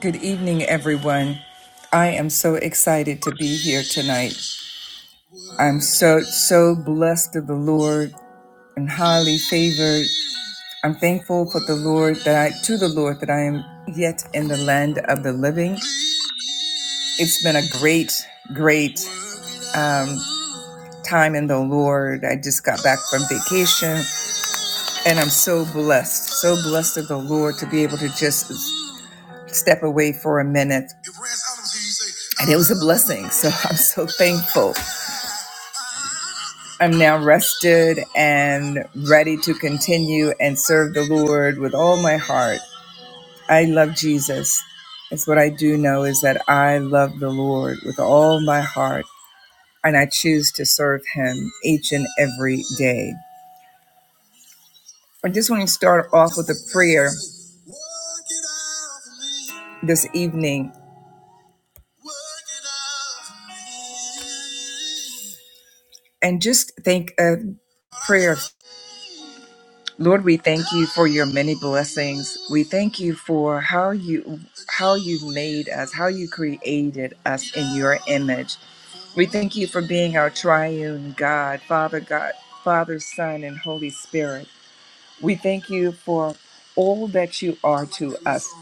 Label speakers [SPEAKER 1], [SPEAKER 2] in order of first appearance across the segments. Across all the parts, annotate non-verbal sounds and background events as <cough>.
[SPEAKER 1] Good evening, everyone. I am so excited to be here tonight. I'm so, so blessed of the Lord and highly favored. I'm thankful for the Lord that I, to the Lord that I am yet in the land of the living. It's been a great, great time in the Lord. I just got back from vacation and I'm so blessed, so blessed of the Lord to be able to just step away for a minute. And it was a blessing. So <laughs> I'm so thankful. I'm now rested and ready to continue and serve the Lord with all my heart. I love Jesus. That's what I do know is that I love the Lord with all my heart and I choose to serve him each and every day. I just want to start off with a prayer this evening and just think a prayer. Lord, we thank you for your many blessings. We thank you for how you how you made us, how you created us in your image. We thank you for being our triune God, Father God, Father, Son, and Holy Spirit. We thank you for all that you are to us.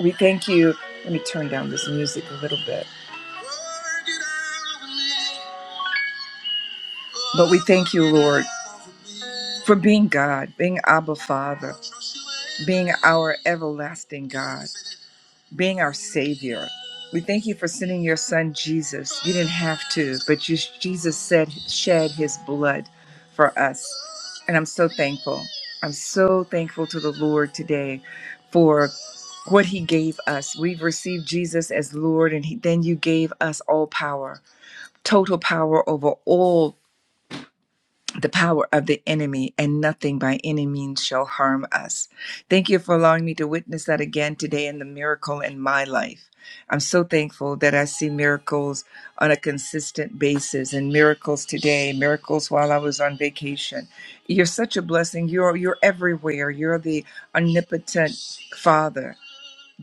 [SPEAKER 1] We thank you. Let me turn down this music a little bit. But we thank you, Lord, for being God, being Abba Father, being our everlasting God. being our Savior. We thank you for sending your Son Jesus. You didn't have to, but you, Jesus said, shed his blood for us. And I'm so thankful. I'm so thankful to the Lord today for what he gave us. We've received Jesus as Lord, and he, then you gave us all power, total power over all the power of the enemy, and nothing by any means shall harm us. Thank you for allowing me to witness that again today in the miracle in my life. I'm so thankful that I see miracles on a consistent basis and miracles today, miracles while I was on vacation. You're such a blessing. You're you're everywhere. You're the omnipotent Father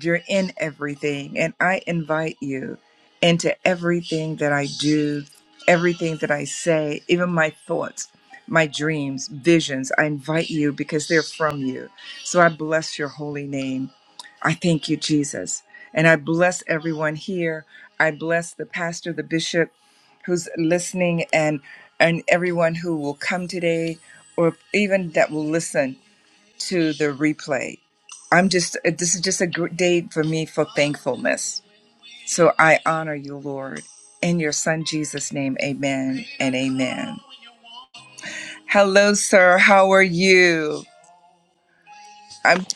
[SPEAKER 1] you're in everything. And I invite you into everything that I do, everything that I say, even my thoughts, my dreams, visions. I invite you because they're from you. So I bless your holy name. I thank you, Jesus. And I bless everyone here. I bless the pastor, the bishop who's listening and and everyone who will come today or even that will listen to the replay. I'm just, uh, this is just a gr- day for me for thankfulness. So I honor you, Lord. In your son Jesus' name, amen and amen. Hello, sir. How are you? I'm,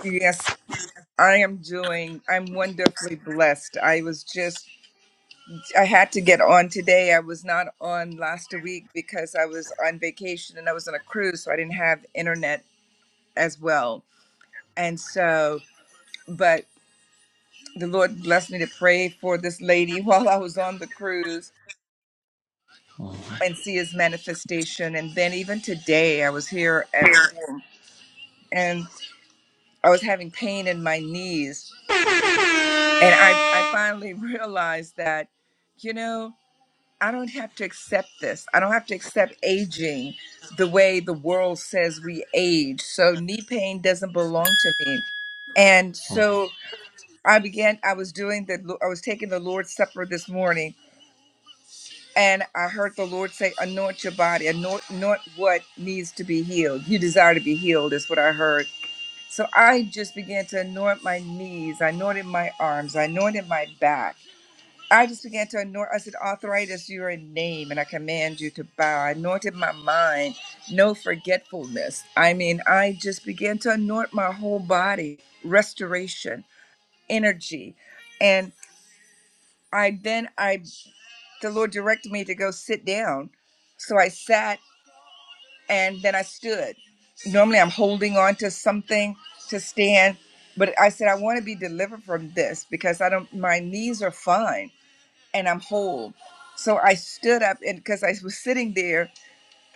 [SPEAKER 1] yes, I am doing, I'm wonderfully blessed. I was just, I had to get on today. I was not on last week because I was on vacation and I was on a cruise, so I didn't have internet as well. And so, but the Lord blessed me to pray for this lady <laughs> while I was on the cruise and see his manifestation. And then even today, I was here at home and I was having pain in my knees. And I, I
[SPEAKER 2] <laughs>
[SPEAKER 1] finally <laughs> realized that, you know, I don't have to accept this. I don't have to accept aging the way the world says we age. So knee pain doesn't belong to me. And so I began, I was doing the, I was taking the Lord's Supper this morning And I heard the Lord say, anoint your body, anoint, anoint what needs to be healed. You desire to be healed, is what I heard. So I just began to anoint my knees. I anointed my arms. I anointed my back. I just began to anoint. I said, arthritis, you're a name, and I command you to bow. I anointed my mind, no forgetfulness. I mean, I just began to anoint my whole body, restoration, energy. And I then I the Lord directed me to go sit down. So I sat and then I stood. Normally I'm holding on to something to stand, but I said, I want to be delivered from this because I don't, my knees are fine and I'm whole. So I stood up and because I was sitting there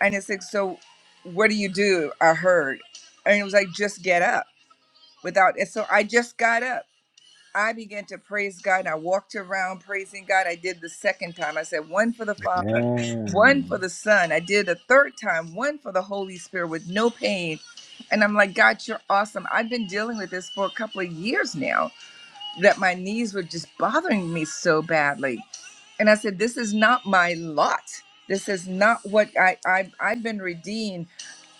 [SPEAKER 1] and it said, So what do you do? I heard. And it was like, just get up without, and so I just got up I began to praise God. I walked around praising God. I did the second time. I said, one for the Father, one for the Son. I did a third time, one for the Holy Spirit with no pain. And I'm like, God, you're awesome. I've been dealing with this for a couple of years now that my knees were just bothering me so badly. And I said, this is not my lot. This is not what I, I, I've been redeemed.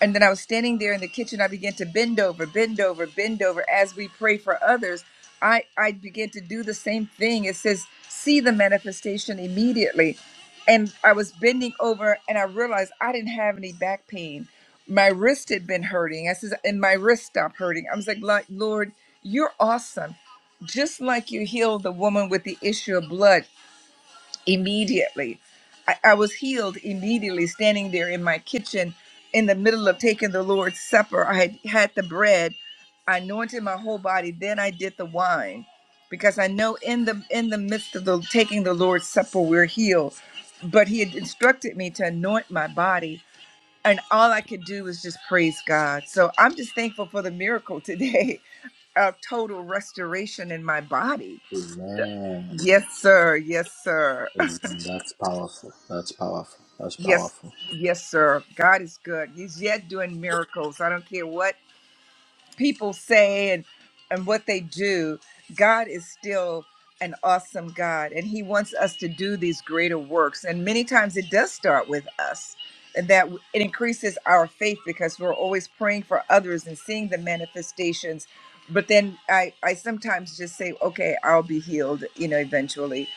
[SPEAKER 1] And then I was standing there in the kitchen. I began to bend over, bend over, bend over as we pray for others. I, I began to do the same thing. It says, see the manifestation immediately. And I was bending over and I realized I didn't have any back pain. My wrist had been hurting. I says, and my wrist stopped hurting. I was like, "Lo- Lord, you're awesome. Just like you healed the woman with the issue of blood, immediately. I, I was healed immediately standing there in my kitchen in the middle of taking the Lord's Supper. I had had the bread, I anointed my whole body, then I did the wine because I know in the in the midst of the taking the Lord's Supper we're healed. But he had instructed me to anoint my body and all I could do was just praise God. So I'm just thankful for the miracle today <laughs> of total restoration in my body. Yes, sir. Yes, sir. Yes, yes, sir. God is good. He's yet doing miracles. I don't care what people say and and what they do god is still an awesome god and he wants us to do these greater works and many times it does start with us and that it increases our faith because we're always praying for others and seeing the manifestations but then i i sometimes just say okay i'll be healed you know eventually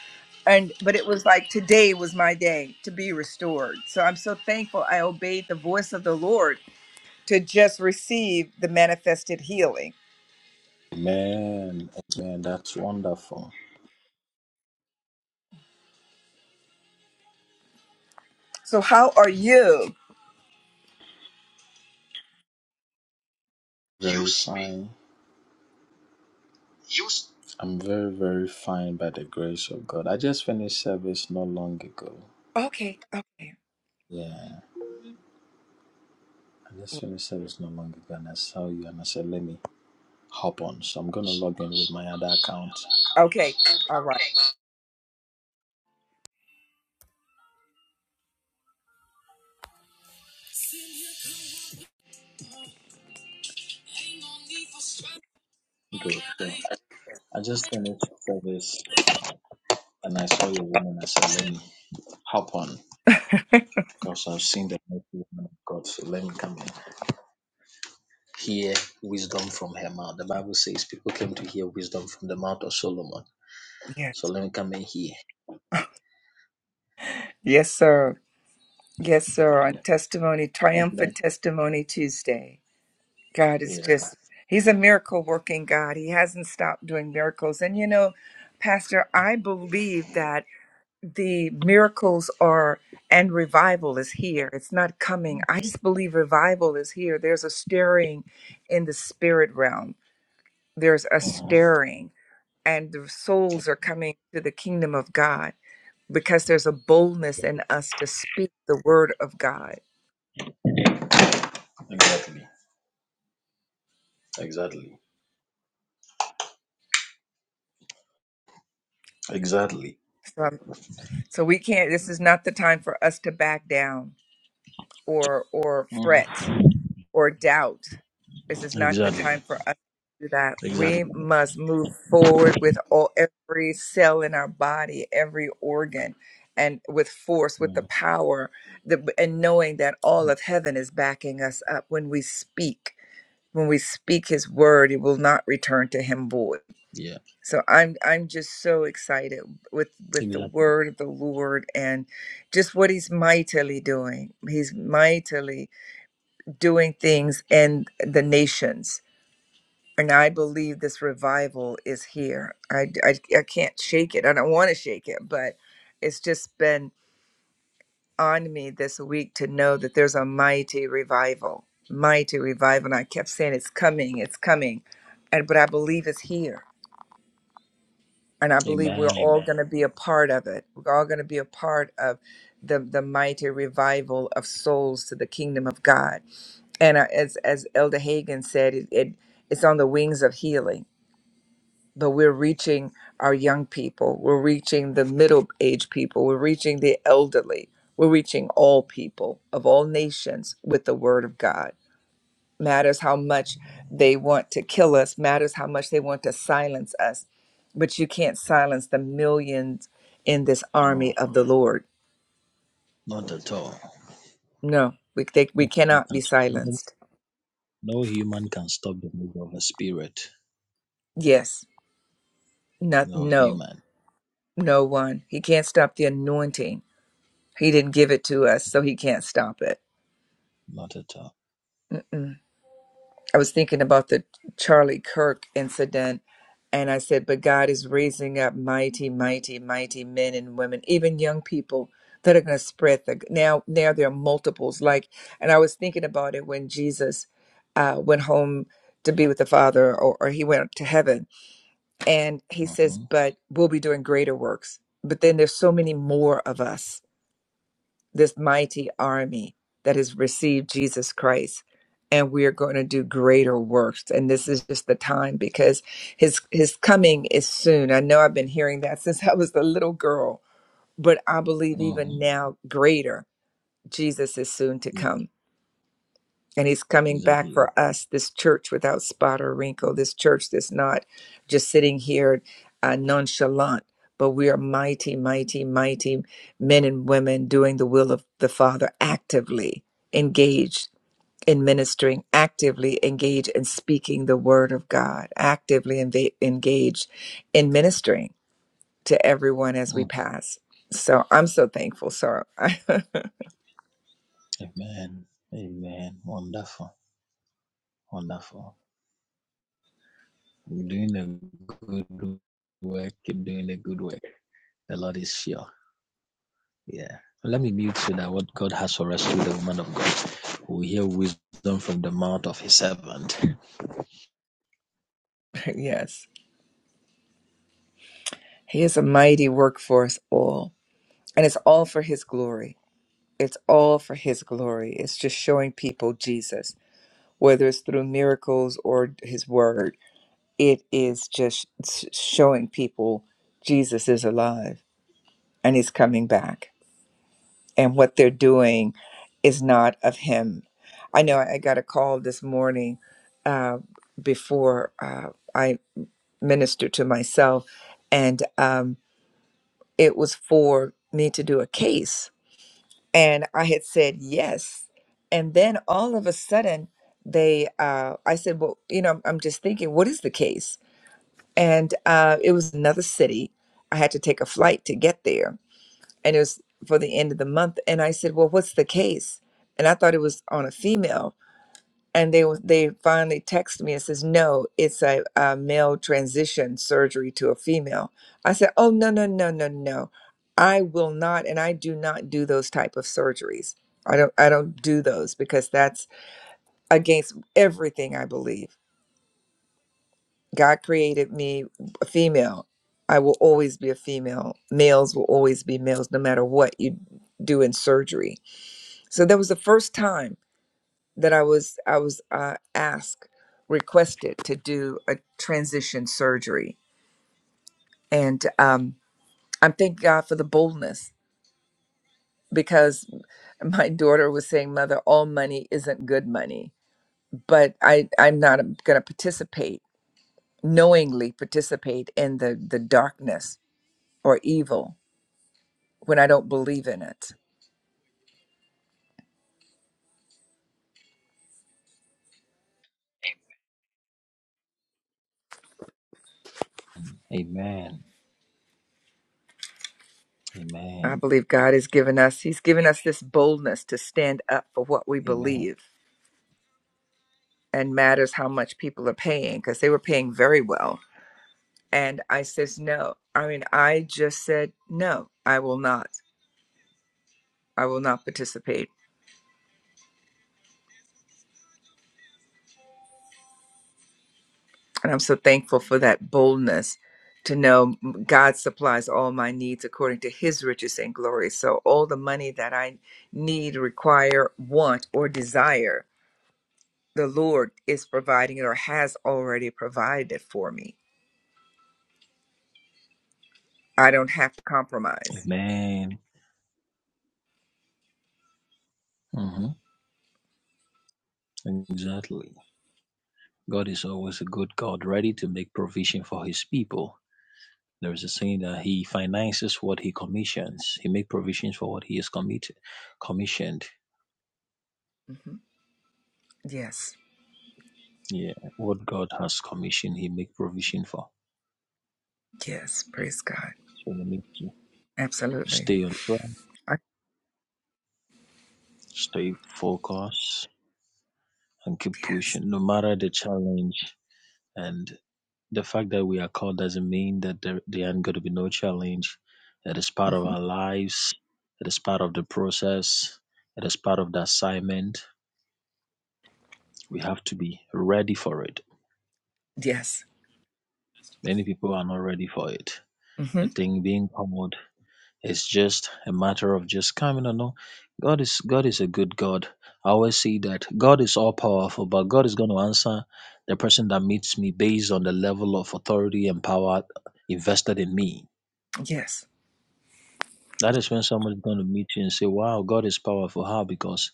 [SPEAKER 1] and but it was like today was my day to be restored so i'm so thankful i obeyed the voice of the lord to just receive the manifested healing. So how are you?
[SPEAKER 2] Use. Use.
[SPEAKER 1] Okay, okay, okay. All right.
[SPEAKER 2] Okay.
[SPEAKER 3] Good. So I just finished service and I saw your woman. I said, let me hop on because I've seen the mighty woman of God. So let me come and hear wisdom from her mouth. The Bible says people came to hear wisdom from the mouth of Solomon.
[SPEAKER 1] Yes,
[SPEAKER 3] So let me come and hear.
[SPEAKER 1] yes, sir. Yes, sir. On testimony, triumphant testimony Tuesday. God is
[SPEAKER 3] Yeah.
[SPEAKER 1] just, He's a miracle working God. He hasn't stopped doing miracles. And you know, Pastor, I believe that the miracles are and revival is here. It's not coming. I just believe revival is here. There's a stirring in the spirit realm there's a
[SPEAKER 3] uh huh.
[SPEAKER 1] stirring and the souls are coming to the kingdom of God because there's a boldness in us to speak the word of God.
[SPEAKER 3] Exactly. Exactly. Exactly.
[SPEAKER 1] So, so we can't this is not the time for us to back down or or
[SPEAKER 3] Mhm.
[SPEAKER 1] fret. or doubt. This is not the
[SPEAKER 3] Exactly.
[SPEAKER 1] time for us to do that. We
[SPEAKER 3] Exactly.
[SPEAKER 1] must move forward with all every cell in our body, every organ, and with force, with the
[SPEAKER 3] Mhm.
[SPEAKER 1] power, the, and knowing that all of heaven is backing us up when we speak. When we speak His word, it will not return to Him void.
[SPEAKER 3] Yeah.
[SPEAKER 1] So I'm I'm just so excited with with the
[SPEAKER 3] Exactly.
[SPEAKER 1] word of the Lord and just what He's mightily doing. He's mightily doing things in the nations. And I believe this revival is here. I, I, I can't shake it. I don't want to shake it, but it's just been on me this week to know that there's a mighty revival, mighty revival. And I kept saying, it's coming, it's coming. And, but I believe it's here. And I believe we're all
[SPEAKER 3] Amen.
[SPEAKER 1] going to be a part of it. We're all going to be a part of the, the mighty revival of souls to the kingdom of God and uh, as as elder Hagen said it, it it's on the wings of healing but we're reaching our young people we're reaching the middle aged people we're reaching the elderly we're reaching all people of all nations with the word of god matters how much they want to kill us matters how much they want to silence us but you can't silence the millions in this army
[SPEAKER 3] No,
[SPEAKER 1] of the lord
[SPEAKER 3] not at all.
[SPEAKER 1] no we, they, we
[SPEAKER 3] No, you
[SPEAKER 1] cannot be
[SPEAKER 3] can't.
[SPEAKER 1] silenced
[SPEAKER 3] No human can stop the move of a spirit.
[SPEAKER 1] yes not
[SPEAKER 3] No
[SPEAKER 1] no
[SPEAKER 3] human,
[SPEAKER 1] No one. He can't stop the anointing. He didn't give it to us, so he can't stop it.
[SPEAKER 3] not at all.
[SPEAKER 1] Mm-mm. I was thinking about the Charlie Kirk incident, and I said, But God is raising up mighty, mighty, mighty men and women, even young people that are going to spread the. Now, now there are multiples. Like, and I was thinking about it when Jesus uh, went home to be with the Father, or, or he went to heaven, and he says,
[SPEAKER 3] Mm-hmm.
[SPEAKER 1] But we'll be doing greater works. But then there's so many more of us this mighty army that has received Jesus Christ and we are going to do greater works and this is just the time because his his coming is soon. I know I've been hearing that <laughs> since I was a little girl, but I believe
[SPEAKER 3] Mm-hmm.
[SPEAKER 1] even now greater Jesus is soon to
[SPEAKER 3] Yeah,
[SPEAKER 1] come. And he's coming back
[SPEAKER 3] exactly.
[SPEAKER 1] for us, this church without spot or wrinkle, this church that's not just sitting here uh, nonchalant, but we are mighty, mighty, mighty men and women doing the will of the Father actively engaged in ministering, actively engaged in speaking the word of God, actively enva- engaged in ministering to everyone as we
[SPEAKER 3] Mm.
[SPEAKER 1] pass. So I'm so thankful. So, <laughs>
[SPEAKER 3] Amen. Amen. Wonderful. Wonderful. You're doing a good work. Keep doing the good work. The Lord is sure. Yeah. Let me mute so that what God has for us through the woman of God we hear wisdom from the mouth of his servant.
[SPEAKER 1] yes, he is a mighty work for us all. And it's all for his glory. It's all for his glory. It's just showing people Jesus, whether it's through miracles or his word. It is just s- showing people Jesus is alive and he's coming back. And what they're doing is not of him. I know I got a call this morning uh, before uh, I ministered to myself, and um, it was for me to do a case and I had said yes. And then all of a sudden, they, uh, I said, well, you know, I'm just thinking, what is the case? And uh, it was another city. I had to take a flight to get there, and it was for the end of the month. And I said, well, what's the case? And I thought it was on a female and they they finally texted me and says no it's a, a male transition surgery to a female i said oh no no no no no i will not and i do not do those type of surgeries i don't i don't do those because that's against everything i believe god created me a female i will always be a female males will always be males no matter what you do in surgery so that was the first time that I was I was uh, asked requested to do a transition surgery, and um, I'm thank God for the boldness because <laughs> my daughter was saying, "Mother, all money isn't good money," but I I'm not going to participate knowingly participate in the the darkness or evil when I don't believe in it.
[SPEAKER 3] Amen.
[SPEAKER 1] I
[SPEAKER 3] Amen.
[SPEAKER 1] believe God has given us He's given us this boldness to stand up for what we
[SPEAKER 3] Amen.
[SPEAKER 1] believe and matters how much people are paying because they were paying very well And I says, no. I mean, I just said, no, I will not. I will not participate. And I'm so thankful for that boldness to know God supplies all my needs according to his riches and glory. So all the money that I need, require, want, or desire, the Lord is providing it or has already provided it for me. I don't have to compromise.
[SPEAKER 3] Amen. hmm Exactly. God is always a good God, ready to make provision for his people. There is a saying that he finances what he commissions. He makes provisions for what he is committed, commissioned.
[SPEAKER 1] hmm Yes.
[SPEAKER 3] Yeah, what God has commissioned, He make provision for.
[SPEAKER 1] Yes. Praise God.
[SPEAKER 3] So we need to
[SPEAKER 1] Absolutely.
[SPEAKER 3] stay on track,
[SPEAKER 1] I,
[SPEAKER 3] stay focused, and keep
[SPEAKER 1] yes.
[SPEAKER 3] pushing, no matter the challenge. And the fact that we are called doesn't mean that there, there aren't going to be no challenge. It is part of
[SPEAKER 1] hmm
[SPEAKER 3] our lives. It is part of the process. It is part of the assignment. We have to be ready for it.
[SPEAKER 1] Yes.
[SPEAKER 3] Many people are not ready for it.
[SPEAKER 1] Mm-hmm.
[SPEAKER 3] I think being called It's just a matter of just coming and know God is God is a good God. I always see that God is all powerful, but God is going to answer the person that meets me based on the level of authority and power invested in me.
[SPEAKER 1] Yes.
[SPEAKER 3] That is when somebody's going to meet you and say, "Wow, God is powerful." How? Because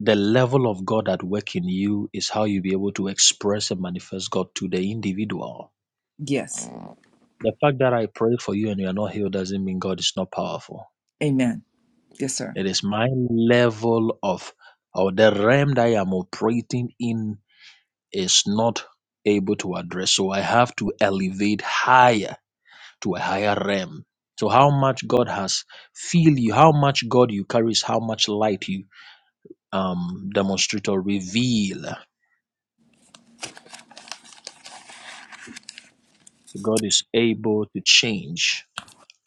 [SPEAKER 3] the level of God at work in you is how you be able to express and manifest God to the individual.
[SPEAKER 1] Yes.
[SPEAKER 3] The fact that I pray for you and you are not healed doesn't mean God is not powerful.
[SPEAKER 1] Amen. Yes, sir.
[SPEAKER 3] It is my level of or the realm that I am operating in is not able to address. So I have to elevate higher to a higher realm. So how much God has feel you, how much God you carry is how much light you um demonstrate or reveal. God is able to change.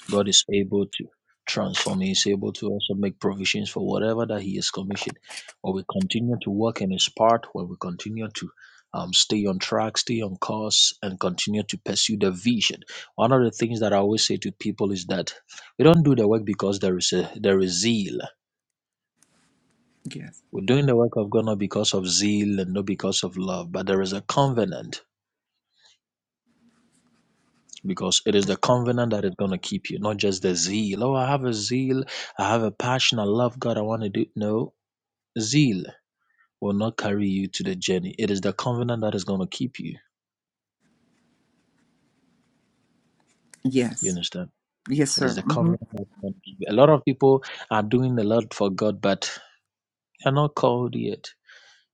[SPEAKER 3] God is able to transform. He is able to also make provisions for whatever that He has commissioned. When we continue to work in His part, when we continue to um, stay on track, stay on course, and continue to pursue the vision. One of the things that I always say to people is that we don't do the work because there is a there is zeal.
[SPEAKER 1] Yes.
[SPEAKER 3] We're doing the work of God not because of zeal and not because of love, but there is a covenant because it is the covenant that is going to keep you, not just the zeal. Oh, I have a zeal. I have a passion. I love God. I want to do. No, zeal will not carry you to the journey. It is the covenant that is going to keep you. You
[SPEAKER 1] Yes.
[SPEAKER 3] understand?
[SPEAKER 1] Yes,
[SPEAKER 3] It
[SPEAKER 1] sir.
[SPEAKER 3] is the
[SPEAKER 1] hmm
[SPEAKER 3] covenant that is going to keep you. A lot of people are doing a lot for God, but they are not called yet.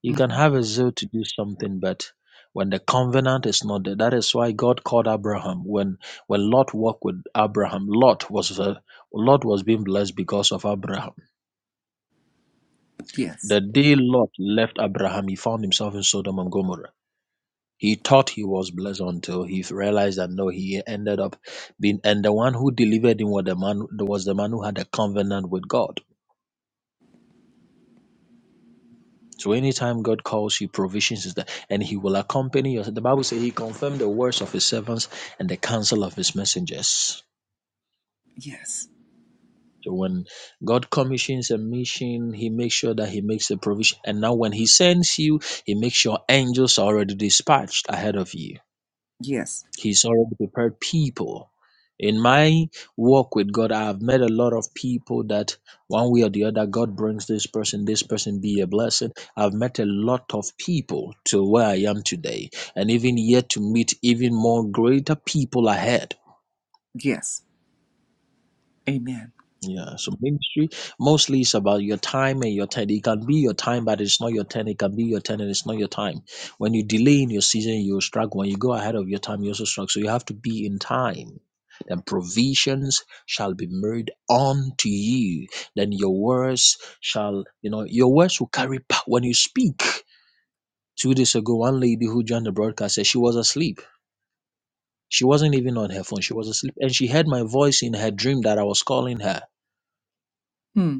[SPEAKER 3] You can
[SPEAKER 1] hmm
[SPEAKER 3] have a zeal to do something, but when the covenant is not there, that is why God called Abraham. When when Lot walked with Abraham, Lot was a, Lot was being blessed because of Abraham
[SPEAKER 1] Yes.
[SPEAKER 3] The day Lot left Abraham, he found himself in Sodom and Gomorrah. He thought he was blessed until he realized that no, he ended up being. And the one who delivered him was the man, was the man who had a covenant with God. So anytime God calls you, provisions is there, and He will accompany you. The Bible says He confirmed the words of His servants and the counsel of His messengers.
[SPEAKER 1] Yes.
[SPEAKER 3] So when God commissions a mission, He makes sure that He makes a provision. And now when He sends you, He makes sure angels are already dispatched ahead of you.
[SPEAKER 1] Yes.
[SPEAKER 3] He's already prepared people. In my walk with God, I've met a lot of people that one way or the other, God brings this person, this person be a blessing. I've met a lot of people to where I am today, and even yet to meet even more greater people ahead.
[SPEAKER 1] Yes. Amen.
[SPEAKER 3] Yeah, so ministry mostly is about your time and your talent. It can be your time, but it's not your ten. It can be your ten, and it's not your time. When you delay in your season, you struggle. When you go ahead of your time, you also struggle. So you have to be in time. Then provisions shall be made unto you. Then your words shall, you know, your words will carry power when you speak. Two days ago, one lady who joined the broadcast said she was asleep. She wasn't even on her phone. She was asleep. And she heard my voice in her dream that I was calling her
[SPEAKER 1] Hmm.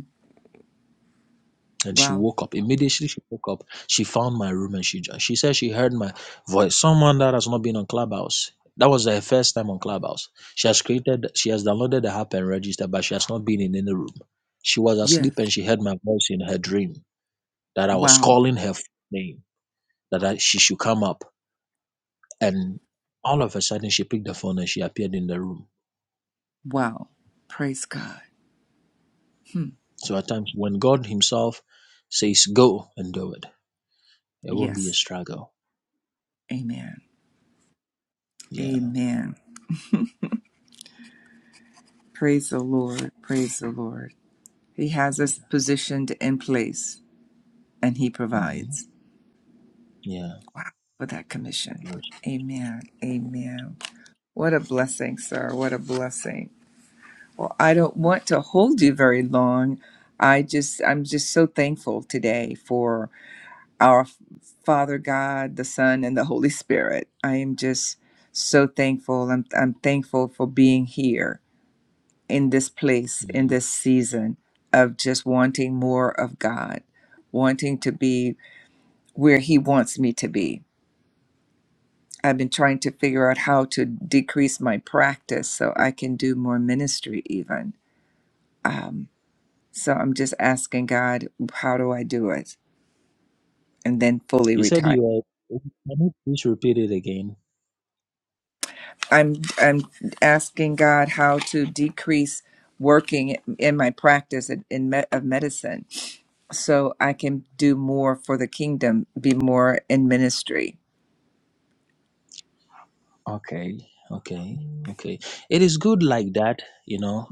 [SPEAKER 3] And she
[SPEAKER 1] Wow.
[SPEAKER 3] woke up. Immediately she woke up, she found my room and she jo- she said she heard my voice. Someone that has not been on Clubhouse. That was her first time on Clubhouse. She has created, she has downloaded the app and registered, but she has not been in any room. She was
[SPEAKER 1] Yes.
[SPEAKER 3] asleep and she heard my voice in her dream that I was
[SPEAKER 1] Wow.
[SPEAKER 3] calling her f- name, that I, she should come up. And all of a sudden, she picked the phone and she appeared in the room.
[SPEAKER 1] Wow. Praise God. Hmm.
[SPEAKER 3] So at times, when God Himself says, go and do it, it won't be a
[SPEAKER 1] Yes.
[SPEAKER 3] struggle.
[SPEAKER 1] Amen.
[SPEAKER 3] Yeah.
[SPEAKER 1] Amen. <laughs> Praise the Lord. Praise the Lord. He has us positioned in place and he
[SPEAKER 3] Mhm.
[SPEAKER 1] provides.
[SPEAKER 3] Yeah.
[SPEAKER 1] Wow. For that commission. Amen. Amen. What a blessing, sir. What a blessing. Well, I don't want to hold you very long. I just, I'm just so thankful today for our F- Father God, the Son, and the Holy Spirit. I am just so thankful. I'm, I'm thankful for being here in this place, in
[SPEAKER 3] Mhm.
[SPEAKER 1] this season of just wanting more of God, wanting to be where He wants me to be. I've been trying to figure out how to decrease my practice so I can do more ministry, even. Um, So I'm just asking God, how do I do it? And then fully
[SPEAKER 3] You said
[SPEAKER 1] retire.
[SPEAKER 3] you are. Can you please repeat it again?
[SPEAKER 1] I'm I'm asking God how to decrease working in my practice in, in me, of medicine, so I can do more for the kingdom, be more in ministry.
[SPEAKER 3] Okay, okay, okay. It is good like that, you know.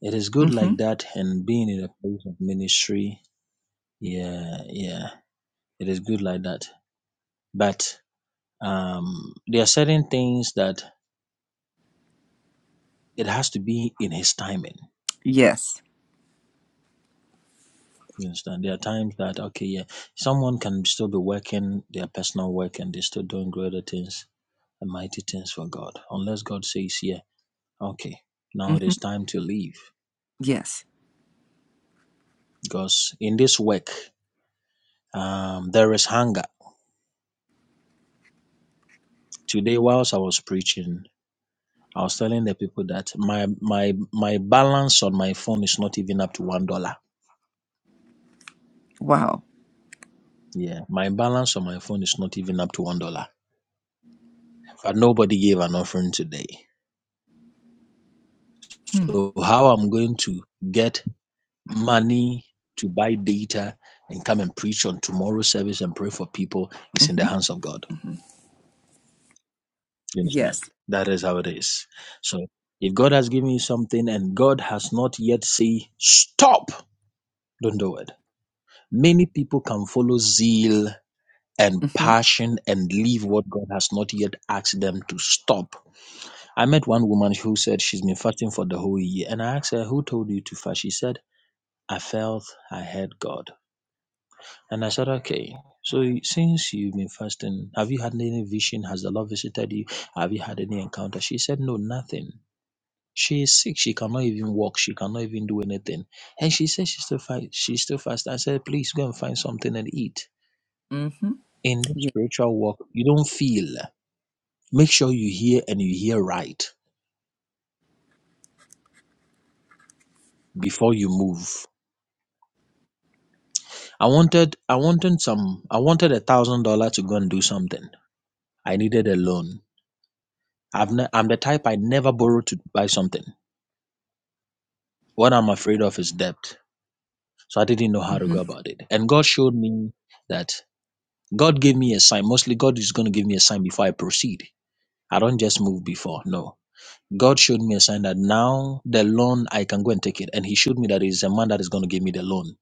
[SPEAKER 3] It is good
[SPEAKER 1] hmm
[SPEAKER 3] like that, and being in a place of ministry. Yeah, yeah. It is good like that. But um, there are certain things that it has to be in His timing.
[SPEAKER 1] Yes.
[SPEAKER 3] You understand? There are times that okay, yeah, someone can still be working their personal work and they're still doing greater things and mighty things for God, unless God says, yeah. Okay, now it
[SPEAKER 1] hmm
[SPEAKER 3] is time to leave
[SPEAKER 1] Yes.
[SPEAKER 3] because in this work, um, there is hunger. Today, whilst I was preaching, I was telling the people that my my my balance on my phone is not even up to one dollar.
[SPEAKER 1] Wow.
[SPEAKER 3] Yeah, my balance on my phone is not even up to one dollar. But nobody gave an offering today.
[SPEAKER 1] Hmm.
[SPEAKER 3] So how I'm going to get money to buy data and come and preach on tomorrow's service and pray for people is in the
[SPEAKER 1] hmm
[SPEAKER 3] hands of God.
[SPEAKER 1] hmm
[SPEAKER 3] You understand?
[SPEAKER 1] Yes.
[SPEAKER 3] That is how it is. So if God has given you something and God has not yet said stop, don't do it. Many people can follow zeal and
[SPEAKER 1] hmm
[SPEAKER 3] passion and leave what God has not yet asked them to stop. I met one woman who said she's been fasting for the whole year and I asked her, Who told you to fast? She said, I felt I heard God. And I said, Okay. So since you've been fasting, have you had any vision? Has the Lord visited you? Have you had any encounter? She said, No, nothing. She is sick. She cannot even walk. She cannot even do anything. And she says she's still fast. She's still fast. I said, please go and find something and eat.
[SPEAKER 1] hmm
[SPEAKER 3] In this
[SPEAKER 1] Yeah.
[SPEAKER 3] spiritual walk, you don't feel. Make sure you hear and you hear right before you move. I wanted, I wanted some. I wanted a thousand dollar to go and do something. I needed a loan. I've ne- I'm the type I never borrow to buy something. What I'm afraid of is debt. So I didn't know how to
[SPEAKER 1] hmm
[SPEAKER 3] go about it. And God showed me that God gave me a sign. Mostly, God is going to give me a sign before I proceed. I don't just move before. No. God showed me a sign that now the loan I can go and take it. And He showed me that it's a man that is going to give me the loan.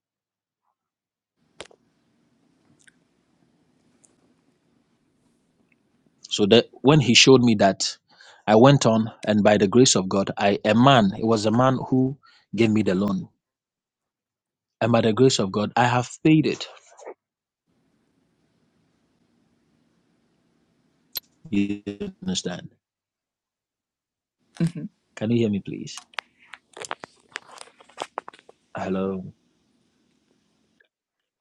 [SPEAKER 3] So that when He showed me that, I went on, and by the grace of God, I a man. It was a man who gave me the loan, and by the grace of God, I have paid it. You understand?
[SPEAKER 1] hmm
[SPEAKER 3] Can you hear me, please? Hello.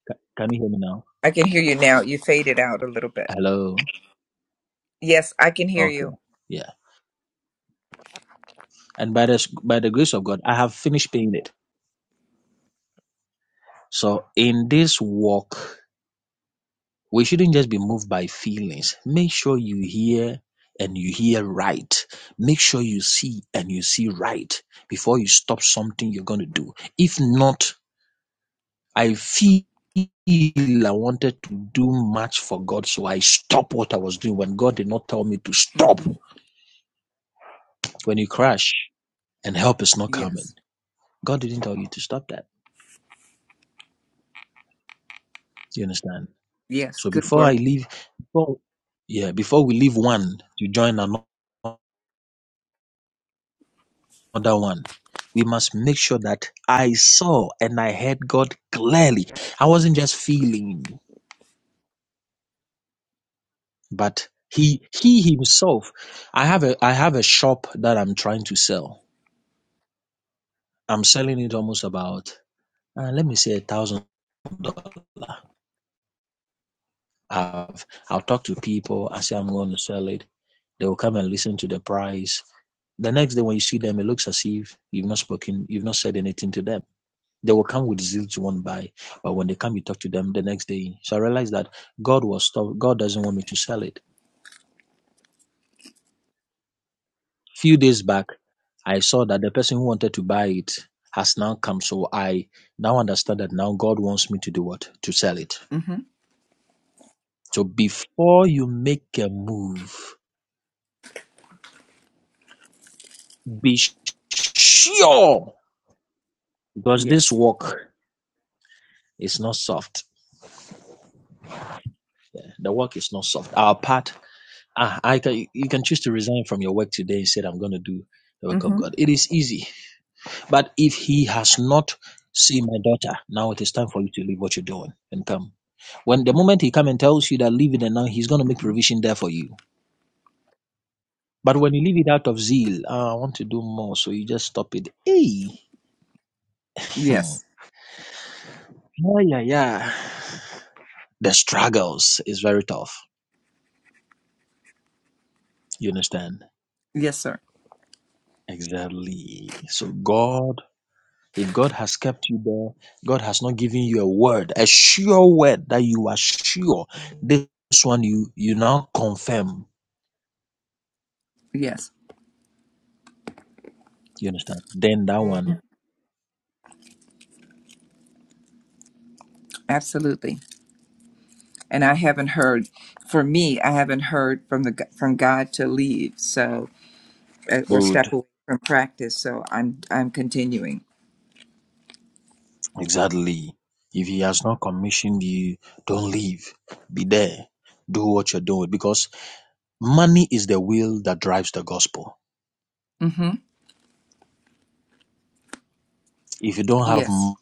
[SPEAKER 3] Ca- Can you hear me now?
[SPEAKER 1] I can hear you now. You faded out a little bit.
[SPEAKER 3] Hello.
[SPEAKER 1] Yes, I can hear
[SPEAKER 3] Okay.
[SPEAKER 1] you.
[SPEAKER 3] Yeah. And by the by the grace of God, I have finished paying it. So in this walk, we shouldn't just be moved by feelings. Make sure you hear and you hear right. Make sure you see and you see right before you stop something you're going to do. If not, I feel I wanted to do much for God, so I stopped what I was doing when God did not tell me to stop.
[SPEAKER 1] hmm
[SPEAKER 3] When you crash and help is not
[SPEAKER 1] Yes.
[SPEAKER 3] coming, God didn't tell you to stop that. You understand?
[SPEAKER 1] Yes,
[SPEAKER 3] So
[SPEAKER 1] good
[SPEAKER 3] before I
[SPEAKER 1] work.
[SPEAKER 3] leave, before yeah, before we leave one to join ano- another one, we must make sure that I saw and I heard God clearly. I wasn't just feeling, but He He Himself. I have a I have a shop that I'm trying to sell. I'm selling it almost about uh, let me say a thousand I've, I'll talk to people. I say I'm going to sell it. They will come and listen to the price. The next day when you see them, it looks as if you've not spoken, you've not said anything to them. They will come with zeal to want to buy, but when they come, you talk to them the next day. So I realized that God was stop. God doesn't want me to sell it. A Few days back, I saw that the person who wanted to buy it has now come. So I now understand that now God wants me to do what to sell it.
[SPEAKER 1] Mm-hmm.
[SPEAKER 3] So before you make a move Be sure because this
[SPEAKER 1] Yes.
[SPEAKER 3] work is not soft. Yeah, the work is not soft. Our part, ah, I can, you can choose to resign from your work today and said, I'm going to do the work of
[SPEAKER 1] Mm-hmm.
[SPEAKER 3] God. It is easy. But if he has not seen my daughter, now it is time for you to leave what you're doing and come. When the moment he come and tells you that leave it and now he's going to make
[SPEAKER 1] Mm-hmm.
[SPEAKER 3] provision there for you. But when you leave it out of zeal, ah, I want to do more, so you just stop it. Hey, hmm.
[SPEAKER 1] Yes.
[SPEAKER 3] yeah, yeah, yeah. The struggles is very tough You understand?
[SPEAKER 1] Yes, sir.
[SPEAKER 3] Exactly. So God, if God has kept you there, God has not given you a word, a sure word that you are sure. This one you you now confirm.
[SPEAKER 1] Yes,
[SPEAKER 3] You understand? Then that one,
[SPEAKER 1] absolutely. And I haven't heard, for me, I haven't heard from the g- from God to leave, so uh, or
[SPEAKER 3] good.
[SPEAKER 1] step away from practice. So I'm I'm continuing.
[SPEAKER 3] Exactly. If he has not commissioned you, don't leave. Be there. Do what you're doing because money is the will that drives the gospel.
[SPEAKER 1] Mm-hmm.
[SPEAKER 3] If you don't have
[SPEAKER 1] Yes.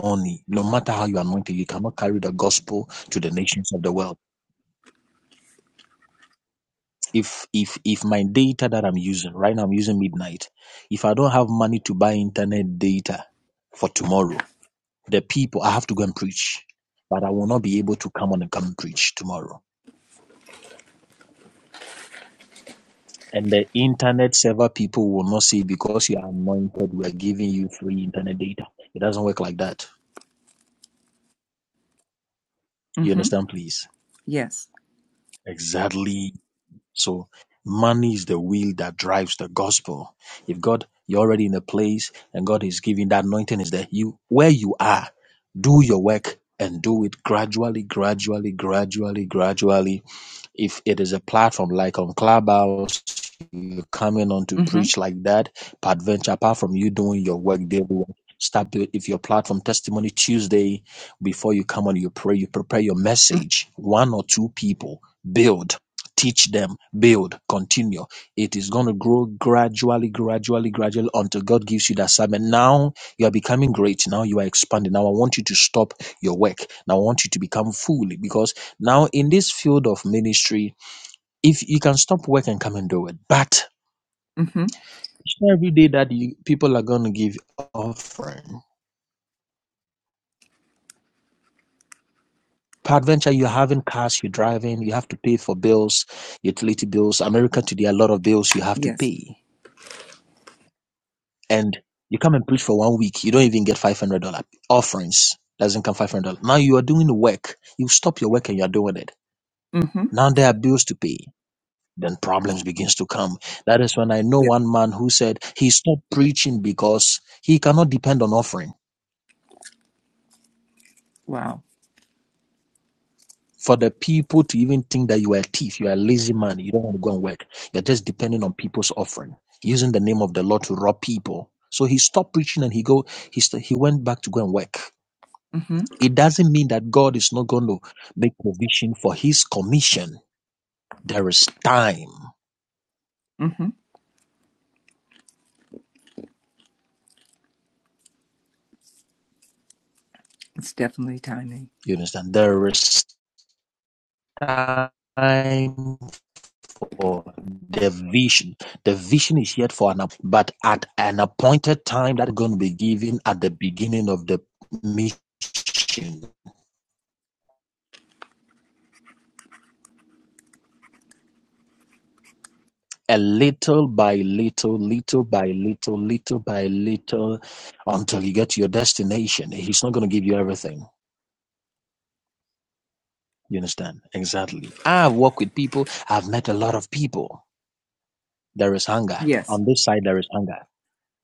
[SPEAKER 3] money, no matter how you are anointed, you cannot carry the gospel to the nations of the world. if if if my data that i'm using right now i'm using midnight if i don't have money to buy internet data for tomorrow the people i have to go and preach but i will not be able to come on and come and preach tomorrow and the internet server people will not say because you are anointed we are giving you free internet data it doesn't work like that you
[SPEAKER 1] Mm-hmm.
[SPEAKER 3] understand please
[SPEAKER 1] Yes.
[SPEAKER 3] exactly So money is the wheel that drives the gospel. If God, you're already in a place and God is giving that anointing is there, you where you are, do your work and do it gradually, gradually, gradually, gradually if it is a platform like on Clubhouse, you're coming on to
[SPEAKER 1] Mm-hmm.
[SPEAKER 3] preach like that, peradventure, apart from you doing your work daily, start to, if your platform testimony Tuesday, before you come on, you pray, you prepare your
[SPEAKER 1] Mm-hmm.
[SPEAKER 3] message. One or two people build. Teach them, build, continue. It is going to grow gradually, gradually, gradually until God gives you that assignment. Now you are becoming great. Now you are expanding. Now I want you to stop your work. Now I want you to become fully because now, in this field of ministry, if you can stop work and come and do it, but
[SPEAKER 1] Mm-hmm.
[SPEAKER 3] it's not every day that you, people are going to give offering. Peradventure, you're having cars, you're driving, you have to pay for bills, utility bills. America today, a lot of bills you have to
[SPEAKER 1] Yes.
[SPEAKER 3] pay. And you come and preach for one week, you don't even get $500 offerings. Doesn't come $500. Now you are doing the work. You stop your work and you're doing it.
[SPEAKER 1] Mm-hmm.
[SPEAKER 3] Now there are bills to pay. then problems begins to come that is when i know
[SPEAKER 1] Yes.
[SPEAKER 3] one man who said he stopped preaching because he cannot depend on offering
[SPEAKER 1] Wow.
[SPEAKER 3] for the people to even think that you are a thief you are a lazy man you don't want to go and work you're just depending on people's offering using the name of the lord to rob people so he stopped preaching and he go he, st- he went back to go and work
[SPEAKER 1] Mm-hmm.
[SPEAKER 3] it doesn't mean that god is not going to make provision for his commission there is time
[SPEAKER 1] Mm-hmm. It's definitely timing.
[SPEAKER 3] you understand there is time for the vision. The vision is yet for an but at an appointed time that's going to be given at the beginning of the mission. A little by little, little by little, little by little, until you get to your destination. He's not going to give you everything. You understand? Exactly. I've worked with people. I've met a lot of people. There is hunger.
[SPEAKER 1] Yes.
[SPEAKER 3] On this side, there is hunger.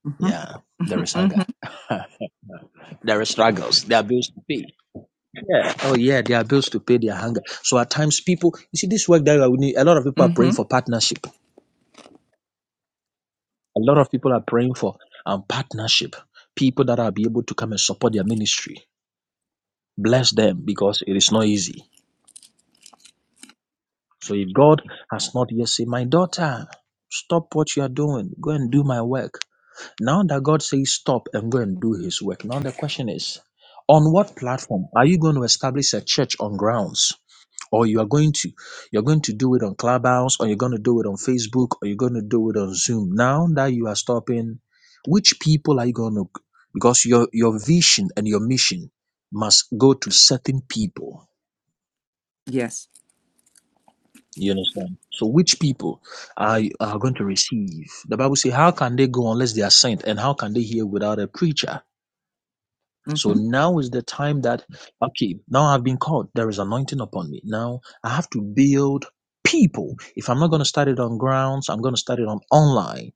[SPEAKER 1] Mm-hmm.
[SPEAKER 3] Yeah, there
[SPEAKER 1] Mm-hmm.
[SPEAKER 3] is
[SPEAKER 1] Mm-hmm.
[SPEAKER 3] hunger. <laughs> there are struggles. There are bills to pay Yeah. Oh, yeah. They are bills to pay their hunger. So at times, people, you see, this work that we need, a lot of people are
[SPEAKER 1] Mm-hmm.
[SPEAKER 3] praying for partnership. A lot of people are praying for um, partnership. People that are be able to come and support their ministry. Bless them because it is not easy. So if God has not yet said, My daughter, stop what you are doing, go and do my work. Now that God says stop and go and do his work, now the question is, on what platform are you going to establish a church on grounds? or you are going to you're going to do it on clubhouse or you're going to do it on facebook or you're going to do it on zoom now that you are stopping which people are you going to because your your vision and your mission must go to certain people
[SPEAKER 1] Yes.
[SPEAKER 3] you understand so which people are are going to receive the bible says how can they go unless they are sent and how can they hear without a preacher So
[SPEAKER 1] Mm-hmm.
[SPEAKER 3] now is the time that, okay, now I've been called. There is anointing upon me. Now I have to build people. If I'm not going to start it on grounds, I'm going to start it on online.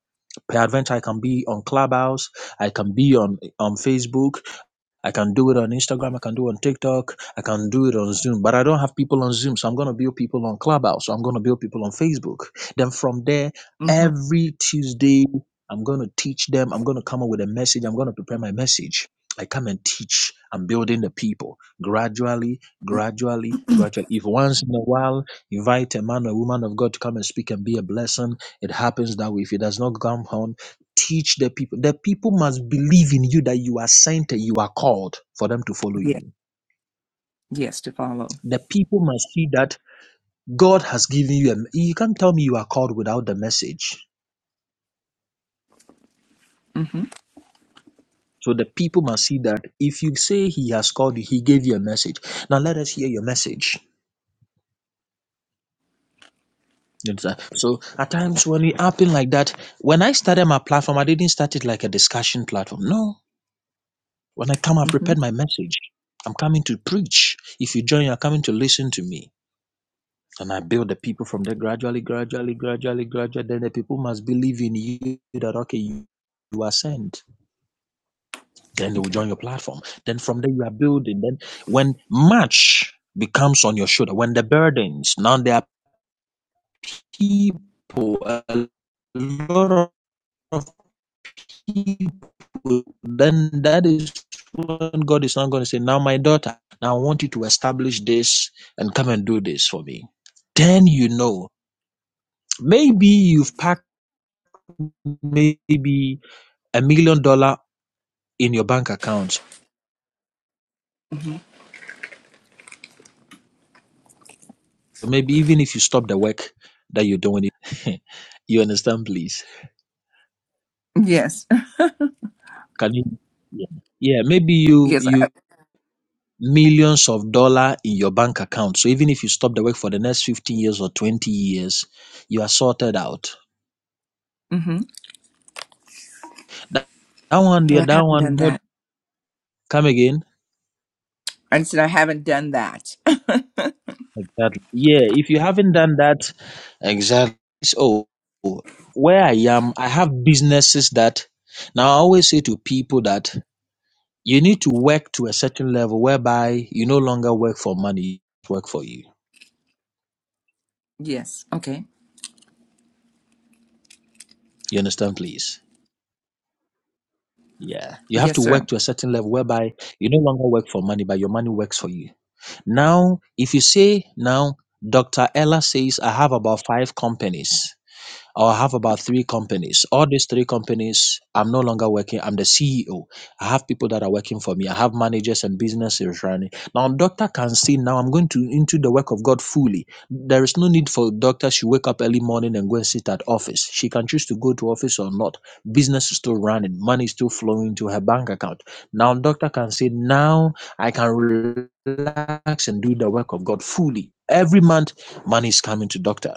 [SPEAKER 3] Peradventure, I can be on Clubhouse. I can be on, on Facebook. I can do it on Instagram. I can do it on TikTok. I can do it on Zoom. But I don't have people on Zoom. So I'm going to build people on Clubhouse. So I'm going to build people on Facebook. Then from there,
[SPEAKER 1] Mm-hmm.
[SPEAKER 3] every Tuesday, I'm going to teach them. I'm going to come up with a message. I'm going to prepare my message. I come and teach. I'm building the people gradually, gradually, gradually. If once in a while, invite a man or woman of God to come and speak and be a blessing, it happens that way. If it does not come, on teach the people. The people must believe in you that you are sent and you are called for them to follow
[SPEAKER 1] Yes.
[SPEAKER 3] you.
[SPEAKER 1] Yes, to follow.
[SPEAKER 3] The people must see that God has given you. A, you can't tell me you are called without the message.
[SPEAKER 1] Mm-hmm.
[SPEAKER 3] So the people must see that if you say He has called you, He gave you a message. Now let us hear your message. You understand? So at times when it happened like that, when I started my platform, I didn't start it like a discussion platform. No. When I come, I've
[SPEAKER 1] Mm-hmm.
[SPEAKER 3] prepared my message. I'm coming to preach. If you join, you're coming to listen to me. And I build the people from there gradually, gradually, gradually, gradually. Then the people must believe in you that, okay, you, you are sent. Then they will
[SPEAKER 1] Okay.
[SPEAKER 3] join your platform. Then from there you are building. Then when much becomes on your shoulder, when the burdens, now there are people, a lot of people, then that is when God is not going to say, now my daughter, now I want you to establish this and come and do this for me. Then you know. Maybe you've packed maybe a million dollar in your bank account.
[SPEAKER 1] hmm
[SPEAKER 3] So Maybe even if you stop the work that you're doing, it, <laughs> you understand, please.
[SPEAKER 1] Yes. <laughs>
[SPEAKER 3] Can you? Yeah. yeah, maybe you
[SPEAKER 1] Yes. I,
[SPEAKER 3] you millions of dollar in your bank account. So even if you stop the work for the next fifteen years or twenty years, you are sorted out.
[SPEAKER 1] mm-hmm.
[SPEAKER 3] That, that one, yeah,
[SPEAKER 1] I
[SPEAKER 3] that
[SPEAKER 1] haven't
[SPEAKER 3] one.
[SPEAKER 1] done
[SPEAKER 3] What?
[SPEAKER 1] that.
[SPEAKER 3] Come again?
[SPEAKER 1] I said I haven't done that. <laughs>
[SPEAKER 3] Exactly. Yeah, if you haven't done that, exactly. So where I am, I have businesses that now I always say to people that you need to work to a certain level whereby you no longer work for money, it work for you.
[SPEAKER 1] yes. Okay.
[SPEAKER 3] You understand, please? Yeah. You have to
[SPEAKER 1] Yes, sir.
[SPEAKER 3] work to a certain level whereby you no longer work for money, but your money works for you. Now, if you say now, Dr. Ella says I have about five companies. I have about three companies. All these three companies, I'm no longer working. I'm the CEO. I have people that are working for me. I have managers and businesses running. Now, doctor can see now I'm going to into the work of God fully. There is no need for doctor. She wake up early morning and go and sit at office. She can choose to go to office or not. Business is still running. Money is still flowing to her bank account. Now, doctor can say now I can relax and do the work of God fully. Every month, money is coming to doctor.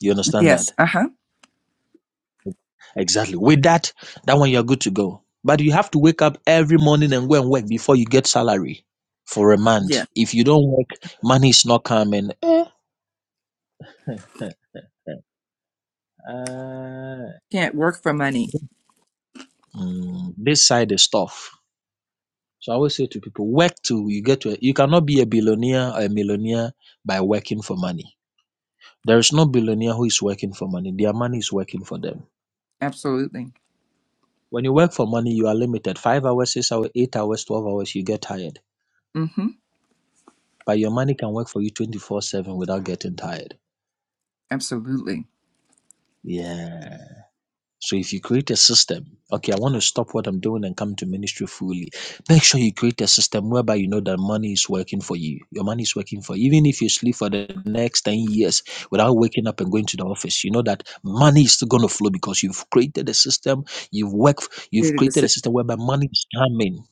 [SPEAKER 3] You understand that?
[SPEAKER 1] Yes. Uh huh.
[SPEAKER 3] Exactly. With that, that one you're good to go. But you have to wake up every morning and go and work before you get salary for a month.
[SPEAKER 1] Yes.
[SPEAKER 3] If you don't work, money is not coming. Eh. <laughs> Uh,
[SPEAKER 1] Can't work for money.
[SPEAKER 3] mm, this side is tough. So I always say to people, work till you get to. A, you cannot be a billionaire or a millionaire by working for money. There is no billionaire who is working for money. Their money is working for them.
[SPEAKER 1] Absolutely.
[SPEAKER 3] When you work for money, you are limited. Five hours, six hours, eight hours, twelve hours, you get tired.
[SPEAKER 1] Mm-hmm.
[SPEAKER 3] But your money can work for you 24/7 without getting tired.
[SPEAKER 1] Absolutely.
[SPEAKER 3] Yeah. So if you create a system, okay, I want to stop what I'm doing and come to ministry fully. Make sure you create a system whereby you know that money is working for you. Your money is working for you. Even if you sleep for the next 10 years without waking up and going to the office, you know that money is still going to flow because you've created a system, you've worked, you've
[SPEAKER 1] Created the
[SPEAKER 3] created a
[SPEAKER 1] system.
[SPEAKER 3] system whereby money is coming.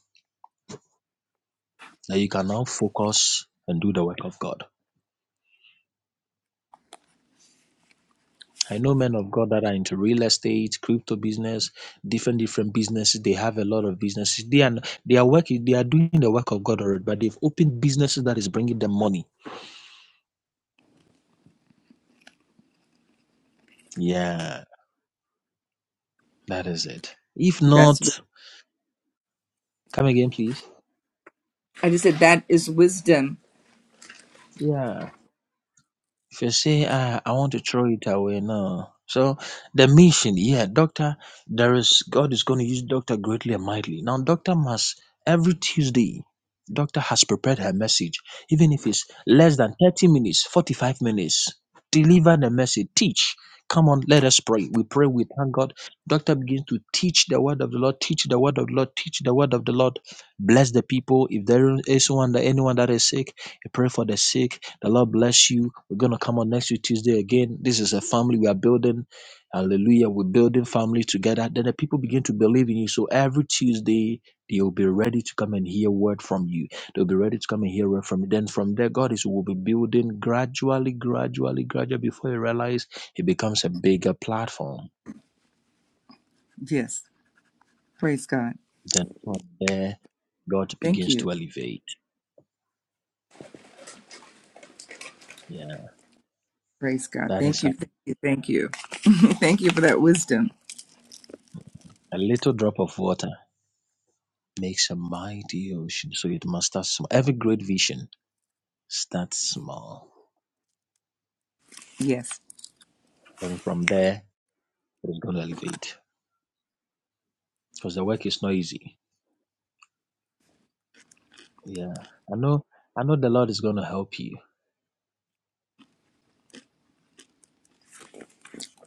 [SPEAKER 3] Now you can now focus and do the work of God. I know men of God that are into real estate, crypto business, different different businesses. They have a lot of businesses. They are they are working. They are doing the work of God already, but they've opened businesses that is bringing them money. Yeah, that is it. If
[SPEAKER 1] That's. wi-
[SPEAKER 3] not, come again, please.
[SPEAKER 1] I just said that is wisdom.
[SPEAKER 3] Yeah. If you say, ah, I want to throw it away, no. So the mission, yeah, doctor, there is God is going to use doctor greatly and mightily. Now, doctor must every Tuesday, doctor has prepared her message, even if it's less than 30 minutes, 45 minutes. Deliver the message, teach. Come on, let us pray. We pray, we thank God. Doctor begins to teach the word of the Lord, teach the word of the Lord, teach the word of the Lord. Bless the people. If there is one that anyone that is sick, you pray for the sick. The Lord bless you we're going to come on next week, Tuesday again. This is a family we are building. Hallelujah. We're building family together. Then the people begin to believe in you. So every Tuesday, they'll be ready to come and hear word from you. They'll be ready to come and hear word from you. Then from there, God is will be building gradually, gradually, gradually before you realize it becomes a bigger platform.
[SPEAKER 1] Yes. Praise God.
[SPEAKER 3] Then from there, God
[SPEAKER 1] Thank
[SPEAKER 3] begins
[SPEAKER 1] you.
[SPEAKER 3] to elevate. Yeah,
[SPEAKER 1] Praise God.
[SPEAKER 3] that is
[SPEAKER 1] Thank you.
[SPEAKER 3] how
[SPEAKER 1] Thank you. Thank you. <laughs> thank you for that wisdom.
[SPEAKER 3] a little drop of water makes a mighty ocean. So it must start small. Every great vision Start small.
[SPEAKER 1] Yes.
[SPEAKER 3] And from there, it is going to elevate because the work is not easy. Yeah. I know, I know the Lord is going to help you.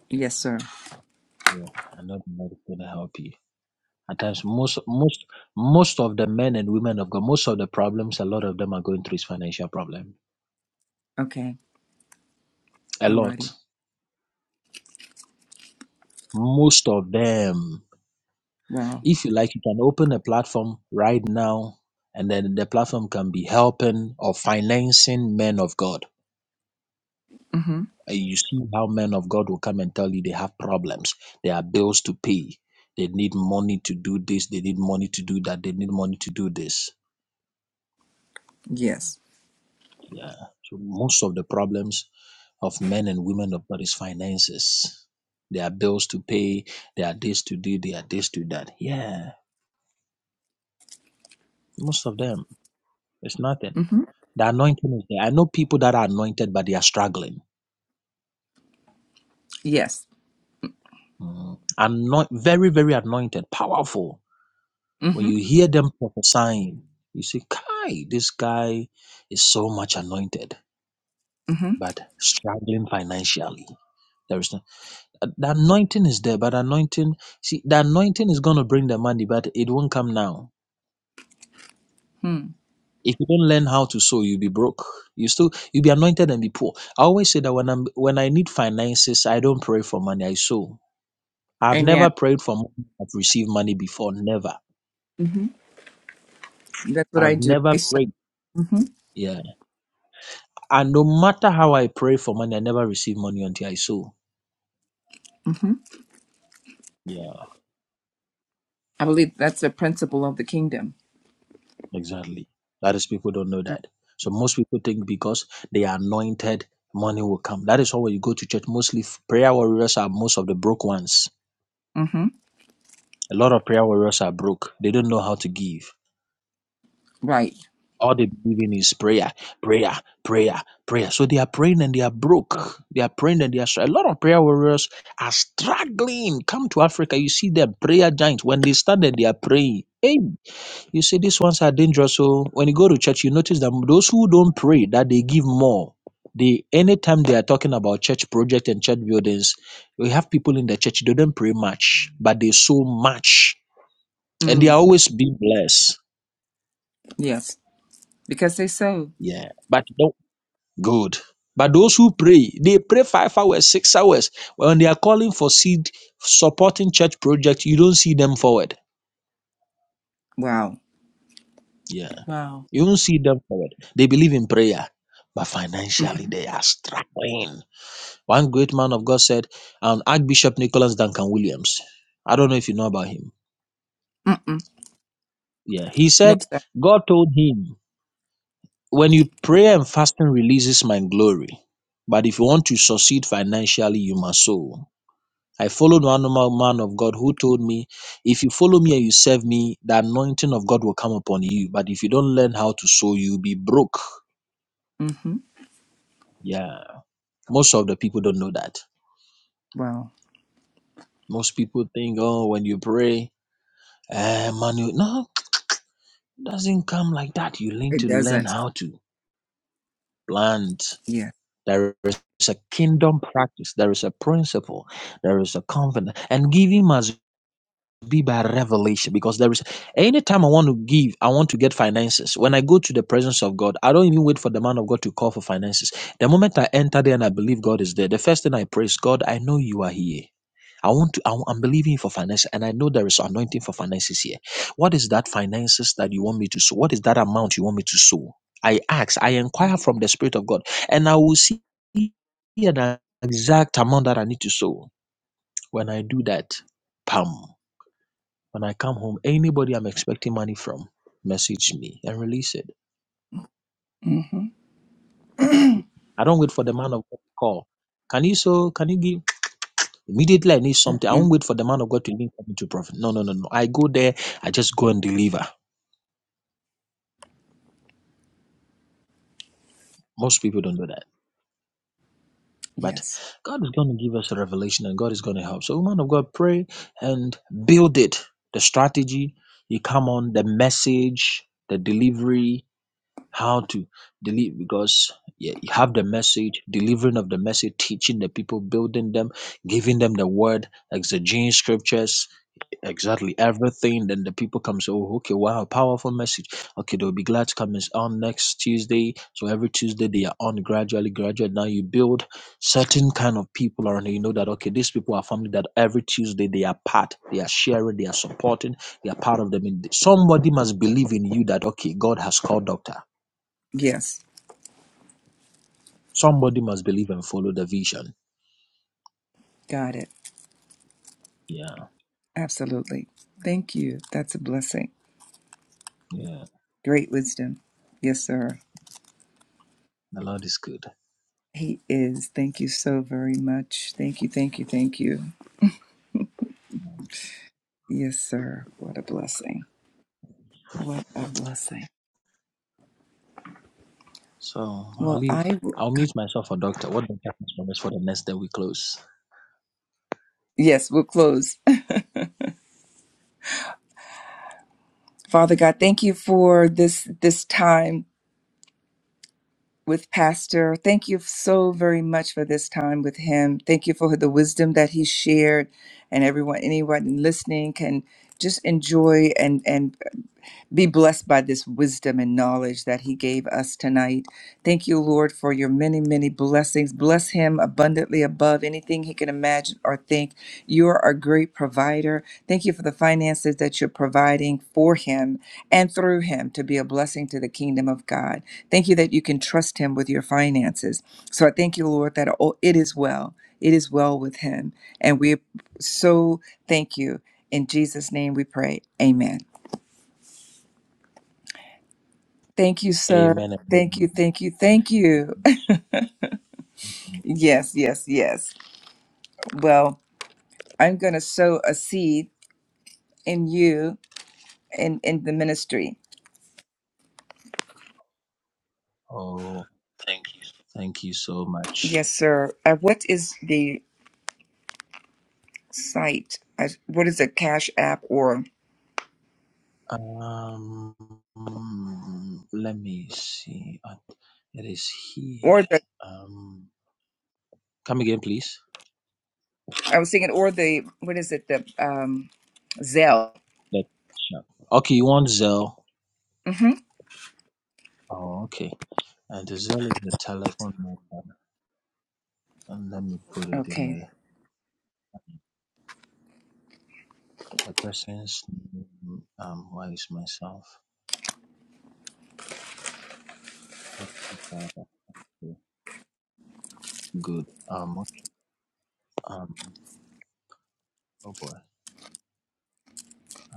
[SPEAKER 1] Yes, sir.
[SPEAKER 3] Yeah. I know the Lord is going to help you. At times, most, most, most of the men and women of God, most of the problems, a lot of them are going through is financial problem.
[SPEAKER 1] Okay.
[SPEAKER 3] A
[SPEAKER 1] Alrighty.
[SPEAKER 3] lot. Most of them.
[SPEAKER 1] Wow.
[SPEAKER 3] If you like, you can open a platform right now and then the platform can be helping or financing men of God
[SPEAKER 1] Mm-hmm.
[SPEAKER 3] And you see how men of God will come and tell you they have problems, they have bills to pay, they need money to do this, they need money to do that, they need money to do this.
[SPEAKER 1] Yes.
[SPEAKER 3] Yeah. So most of the problems of men and women of God is finances. There are bills to pay, there are this to do, there are this to that. Yeah. Most of them. It's nothing.
[SPEAKER 1] hmm
[SPEAKER 3] The anointing is there. I know people that are anointed, but they are struggling.
[SPEAKER 1] Yes.
[SPEAKER 3] Mm. Anoint, very, very anointed, powerful When
[SPEAKER 1] hmm
[SPEAKER 3] you hear them prophesying, you say, Kai, this guy is so much anointed,
[SPEAKER 1] hmm
[SPEAKER 3] but struggling financially. There is no, uh, the anointing is there, but anointing, see, the anointing is going to bring the money, but it won't come now.
[SPEAKER 1] Hmm.
[SPEAKER 3] If you don't learn how to sow, you'll be broke. You still, you'll be anointed and be poor. I always say that when I'm, when I need finances, I don't pray for money, I sow. I've never
[SPEAKER 1] Amen.
[SPEAKER 3] prayed for money, I've received money before, never.
[SPEAKER 1] hmm That's what I
[SPEAKER 3] I've
[SPEAKER 1] do.
[SPEAKER 3] never
[SPEAKER 1] I sow.
[SPEAKER 3] prayed.
[SPEAKER 1] hmm
[SPEAKER 3] Yeah. And no matter how I pray for money, I never receive money until I sow.
[SPEAKER 1] hmm
[SPEAKER 3] Yeah.
[SPEAKER 1] I believe that's the principle of the kingdom.
[SPEAKER 3] Exactly. That is people don't know that. So most people think because they are anointed, money will come. That is why when you go to church, mostly f- prayer warriors are most of the broke ones.
[SPEAKER 1] hmm
[SPEAKER 3] A lot of prayer warriors are broke. They don't know how to give.
[SPEAKER 1] Right.
[SPEAKER 3] All they believe in is prayer, prayer, prayer, prayer. So they are praying and they are broke. They are praying and they are. str- A lot of prayer warriors are struggling. Come to Africa, you see them prayer giants. When they started, they are praying. Hey. You see, these ones are dangerous. So when you go to church, you notice that those who don't pray, that they give more. They anytime they are talking about church project and church buildings, we have people in the church, they don't pray much, but they sow much. And they are
[SPEAKER 1] Mm.
[SPEAKER 3] always being blessed.
[SPEAKER 1] Yes. Because they sow.
[SPEAKER 3] Yeah. But no good. But those who pray, they pray five hours, six hours. When they are calling for seed supporting church project, you don't see them forward.
[SPEAKER 1] Wow.
[SPEAKER 3] Yeah.
[SPEAKER 1] Wow.
[SPEAKER 3] You don't see them forward. They believe in prayer. But financially
[SPEAKER 1] hmm
[SPEAKER 3] they are struggling. One great man of God said, um, Archbishop Nicholas Duncan Williams. I don't know if you know about him.
[SPEAKER 1] Mm-mm.
[SPEAKER 3] Yeah. He
[SPEAKER 1] No,
[SPEAKER 3] said,
[SPEAKER 1] sir.
[SPEAKER 3] God told him, when you pray and fasting releases my glory. But if you want to succeed financially, you must sow. I followed one normal man of God who told me, if you follow me and you serve me, the anointing of God will come upon you. But if you don't learn how to sow, you'll be broke.
[SPEAKER 1] hmm
[SPEAKER 3] Yeah. Most of the people don't know that.
[SPEAKER 1] Wow.
[SPEAKER 3] Most people think, oh, when you pray, eh, money. No, doesn't come like that. You need
[SPEAKER 1] It
[SPEAKER 3] to learn
[SPEAKER 1] doesn't.
[SPEAKER 3] how to plant.
[SPEAKER 1] Yes.
[SPEAKER 3] There is a kingdom practice. There is a principle. There is a confidence. And giving must be by revelation because there is anytime I want to give, I want to get finances. When I go to the presence of God, I don't even wait for the man of God to call for finances. The moment I enter there and I believe God is there, the first thing I pray is, God, I know you are here. I want to, I, am believing for finances and I know there is anointing for finances here. What is that finances that you want me to sow? What is that amount you want me to sow? I ask, I inquire from the Spirit of God and I will see the exact amount that I need to sow. When I do that, pam. When I come home, anybody I'm expecting money from, message me and release it.
[SPEAKER 1] hmm
[SPEAKER 3] I don't wait for the man of God to call. Can you so can you give immediately I need something? I
[SPEAKER 1] Mm-mm.
[SPEAKER 3] won't wait for the man of God to link me to prophet. No, no, no, no. I go there, I just go and deliver. Most people don't do that. But
[SPEAKER 1] Yes.
[SPEAKER 3] God is going to give us a revelation and God is going to help. So, man of God, pray and build it. The strategy, you come on, the message, the delivery, how to deliver because yeah, you have the message, delivering of the message, teaching the people, building them, giving them the word, exegeting scriptures, exactly everything. Then the people come say, oh, okay, wow, powerful message. Okay, they'll be glad to come is on next Tuesday. So every Tuesday they are on gradually, gradually. Now you build certain kind of people around you. You know that, okay, these people are family that every Tuesday they are part, they are sharing, they are supporting, they are part of them. And somebody must believe in you that, okay, God has called doctor.
[SPEAKER 1] Yes.
[SPEAKER 3] Somebody must believe and follow the vision.
[SPEAKER 1] Got it.
[SPEAKER 3] Yeah,
[SPEAKER 1] Absolutely. Thank you. That's a blessing.
[SPEAKER 3] yeah.
[SPEAKER 1] Great wisdom. Yes, sir.
[SPEAKER 3] The Lord is good.
[SPEAKER 1] He is. Thank you so very much. Thank you, thank you, thank you. Yes, sir. What a blessing. What a blessing.
[SPEAKER 3] So I'll
[SPEAKER 1] Well,
[SPEAKER 3] leave.
[SPEAKER 1] I will.
[SPEAKER 3] I'll mute myself for doctor. What the has promised for the next day we close?
[SPEAKER 1] Yes, we'll close. <laughs> Father God, thank you for this this time with Pastor. Thank you so very much for this time with him. Thank you for the wisdom that he shared, and everyone, anyone listening can just enjoy and and be blessed by this wisdom and knowledge that he gave us tonight. Thank you, Lord, for your many, many blessings. Bless him abundantly above anything he can imagine or think. You are a great provider. Thank you for the finances that you're providing for him and through him to be a blessing to the kingdom of God. Thank you that you can trust him with your finances. So I thank you, Lord, that oh, it is well. It is well with him. And we so thank you. In Jesus' name we pray. Amen. Thank you, sir.
[SPEAKER 3] Amen and
[SPEAKER 1] Thank you,
[SPEAKER 3] amen.
[SPEAKER 1] thank you,
[SPEAKER 3] Thank
[SPEAKER 1] thank
[SPEAKER 3] you so
[SPEAKER 1] you. <laughs>
[SPEAKER 3] much.
[SPEAKER 1] yes, yes, yes. Well, I'm going to sow a seed in you and in the ministry.
[SPEAKER 3] Oh, thank you so much.
[SPEAKER 1] Yes, sir. Uh, what is the site? Uh, what is the Cash App or
[SPEAKER 3] Um, let me see. Uh, It is here.
[SPEAKER 1] or the?
[SPEAKER 3] Um, come again, please.
[SPEAKER 1] I was thinking or the what is it? The um, Zelle.
[SPEAKER 3] Let sure. Okay, you want Zelle?
[SPEAKER 1] hmm
[SPEAKER 3] Oh, okay. And the Zelle is the telephone number. And let me put it in
[SPEAKER 1] Okay.
[SPEAKER 3] there. The person's name, um, why is myself? Oh, okay. Good. Um, okay. Um, oh boy.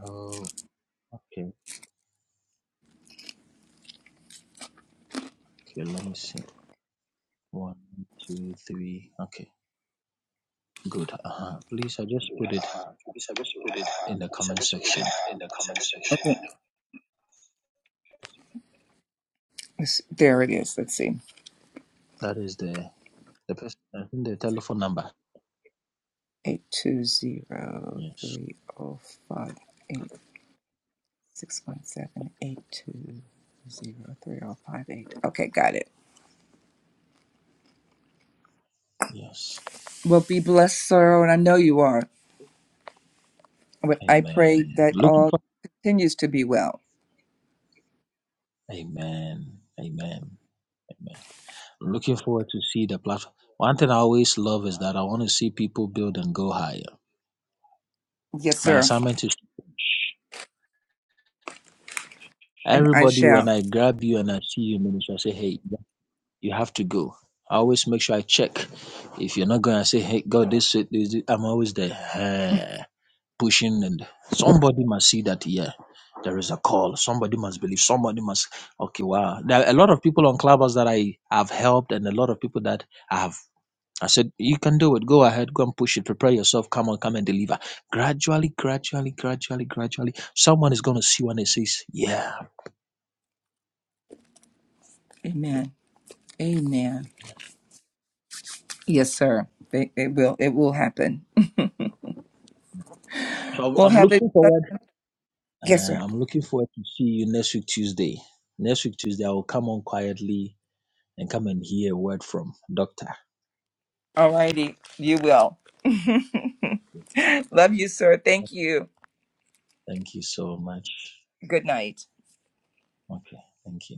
[SPEAKER 3] Oh, okay. Okay, let me see. One, two, three. Okay, good. Uh huh. Please, I just put it Please, I just put it in the comment section. in the comment section.
[SPEAKER 1] Okay. Let's- There it is. Let's see.
[SPEAKER 3] That is the the person. I think the telephone number.
[SPEAKER 1] Eight two zero
[SPEAKER 3] Yes.
[SPEAKER 1] three zero five eight. Six one seven eight two zero three zero five eight. Okay, got it.
[SPEAKER 3] Yes.
[SPEAKER 1] Well, be blessed, sir, and I know you are. But I pray
[SPEAKER 3] Amen.
[SPEAKER 1] that
[SPEAKER 3] Looking
[SPEAKER 1] all
[SPEAKER 3] for
[SPEAKER 1] continues to be well.
[SPEAKER 3] Amen. Amen. Amen. Looking forward to see the platform. One thing I always love is that I want to see people build and go higher.
[SPEAKER 1] Yes,
[SPEAKER 3] My
[SPEAKER 1] sir,
[SPEAKER 3] assignment is
[SPEAKER 1] and I
[SPEAKER 3] everybody when
[SPEAKER 1] shall.
[SPEAKER 3] I grab you and I see you minister, I say, Hey, you have to go. I always make sure I check. If you're not going, I say, Hey God, this, this, this I'm always there. Hey. pushing and somebody must see that yeah there is a call somebody must believe somebody must okay wow there are a lot of people on clubhouse that i have helped and a lot of people that i have i said you can do it go ahead go and push it prepare yourself come on come and deliver gradually gradually gradually gradually someone is going to see when it says yeah
[SPEAKER 1] Amen. Amen. Yes, sir. It, it will. It will happen.
[SPEAKER 3] so i'm,
[SPEAKER 1] We'll
[SPEAKER 3] I'm
[SPEAKER 1] have a
[SPEAKER 3] looking
[SPEAKER 1] blessed.
[SPEAKER 3] forward
[SPEAKER 1] Yes, sir.
[SPEAKER 3] uh, i'm looking forward to see you next week tuesday next week tuesday i will come on quietly and come and hear a word from doctor
[SPEAKER 1] All righty. You will. <laughs> Love you, sir. Thank you.
[SPEAKER 3] thank you so much
[SPEAKER 1] Good night.
[SPEAKER 3] Okay, thank you.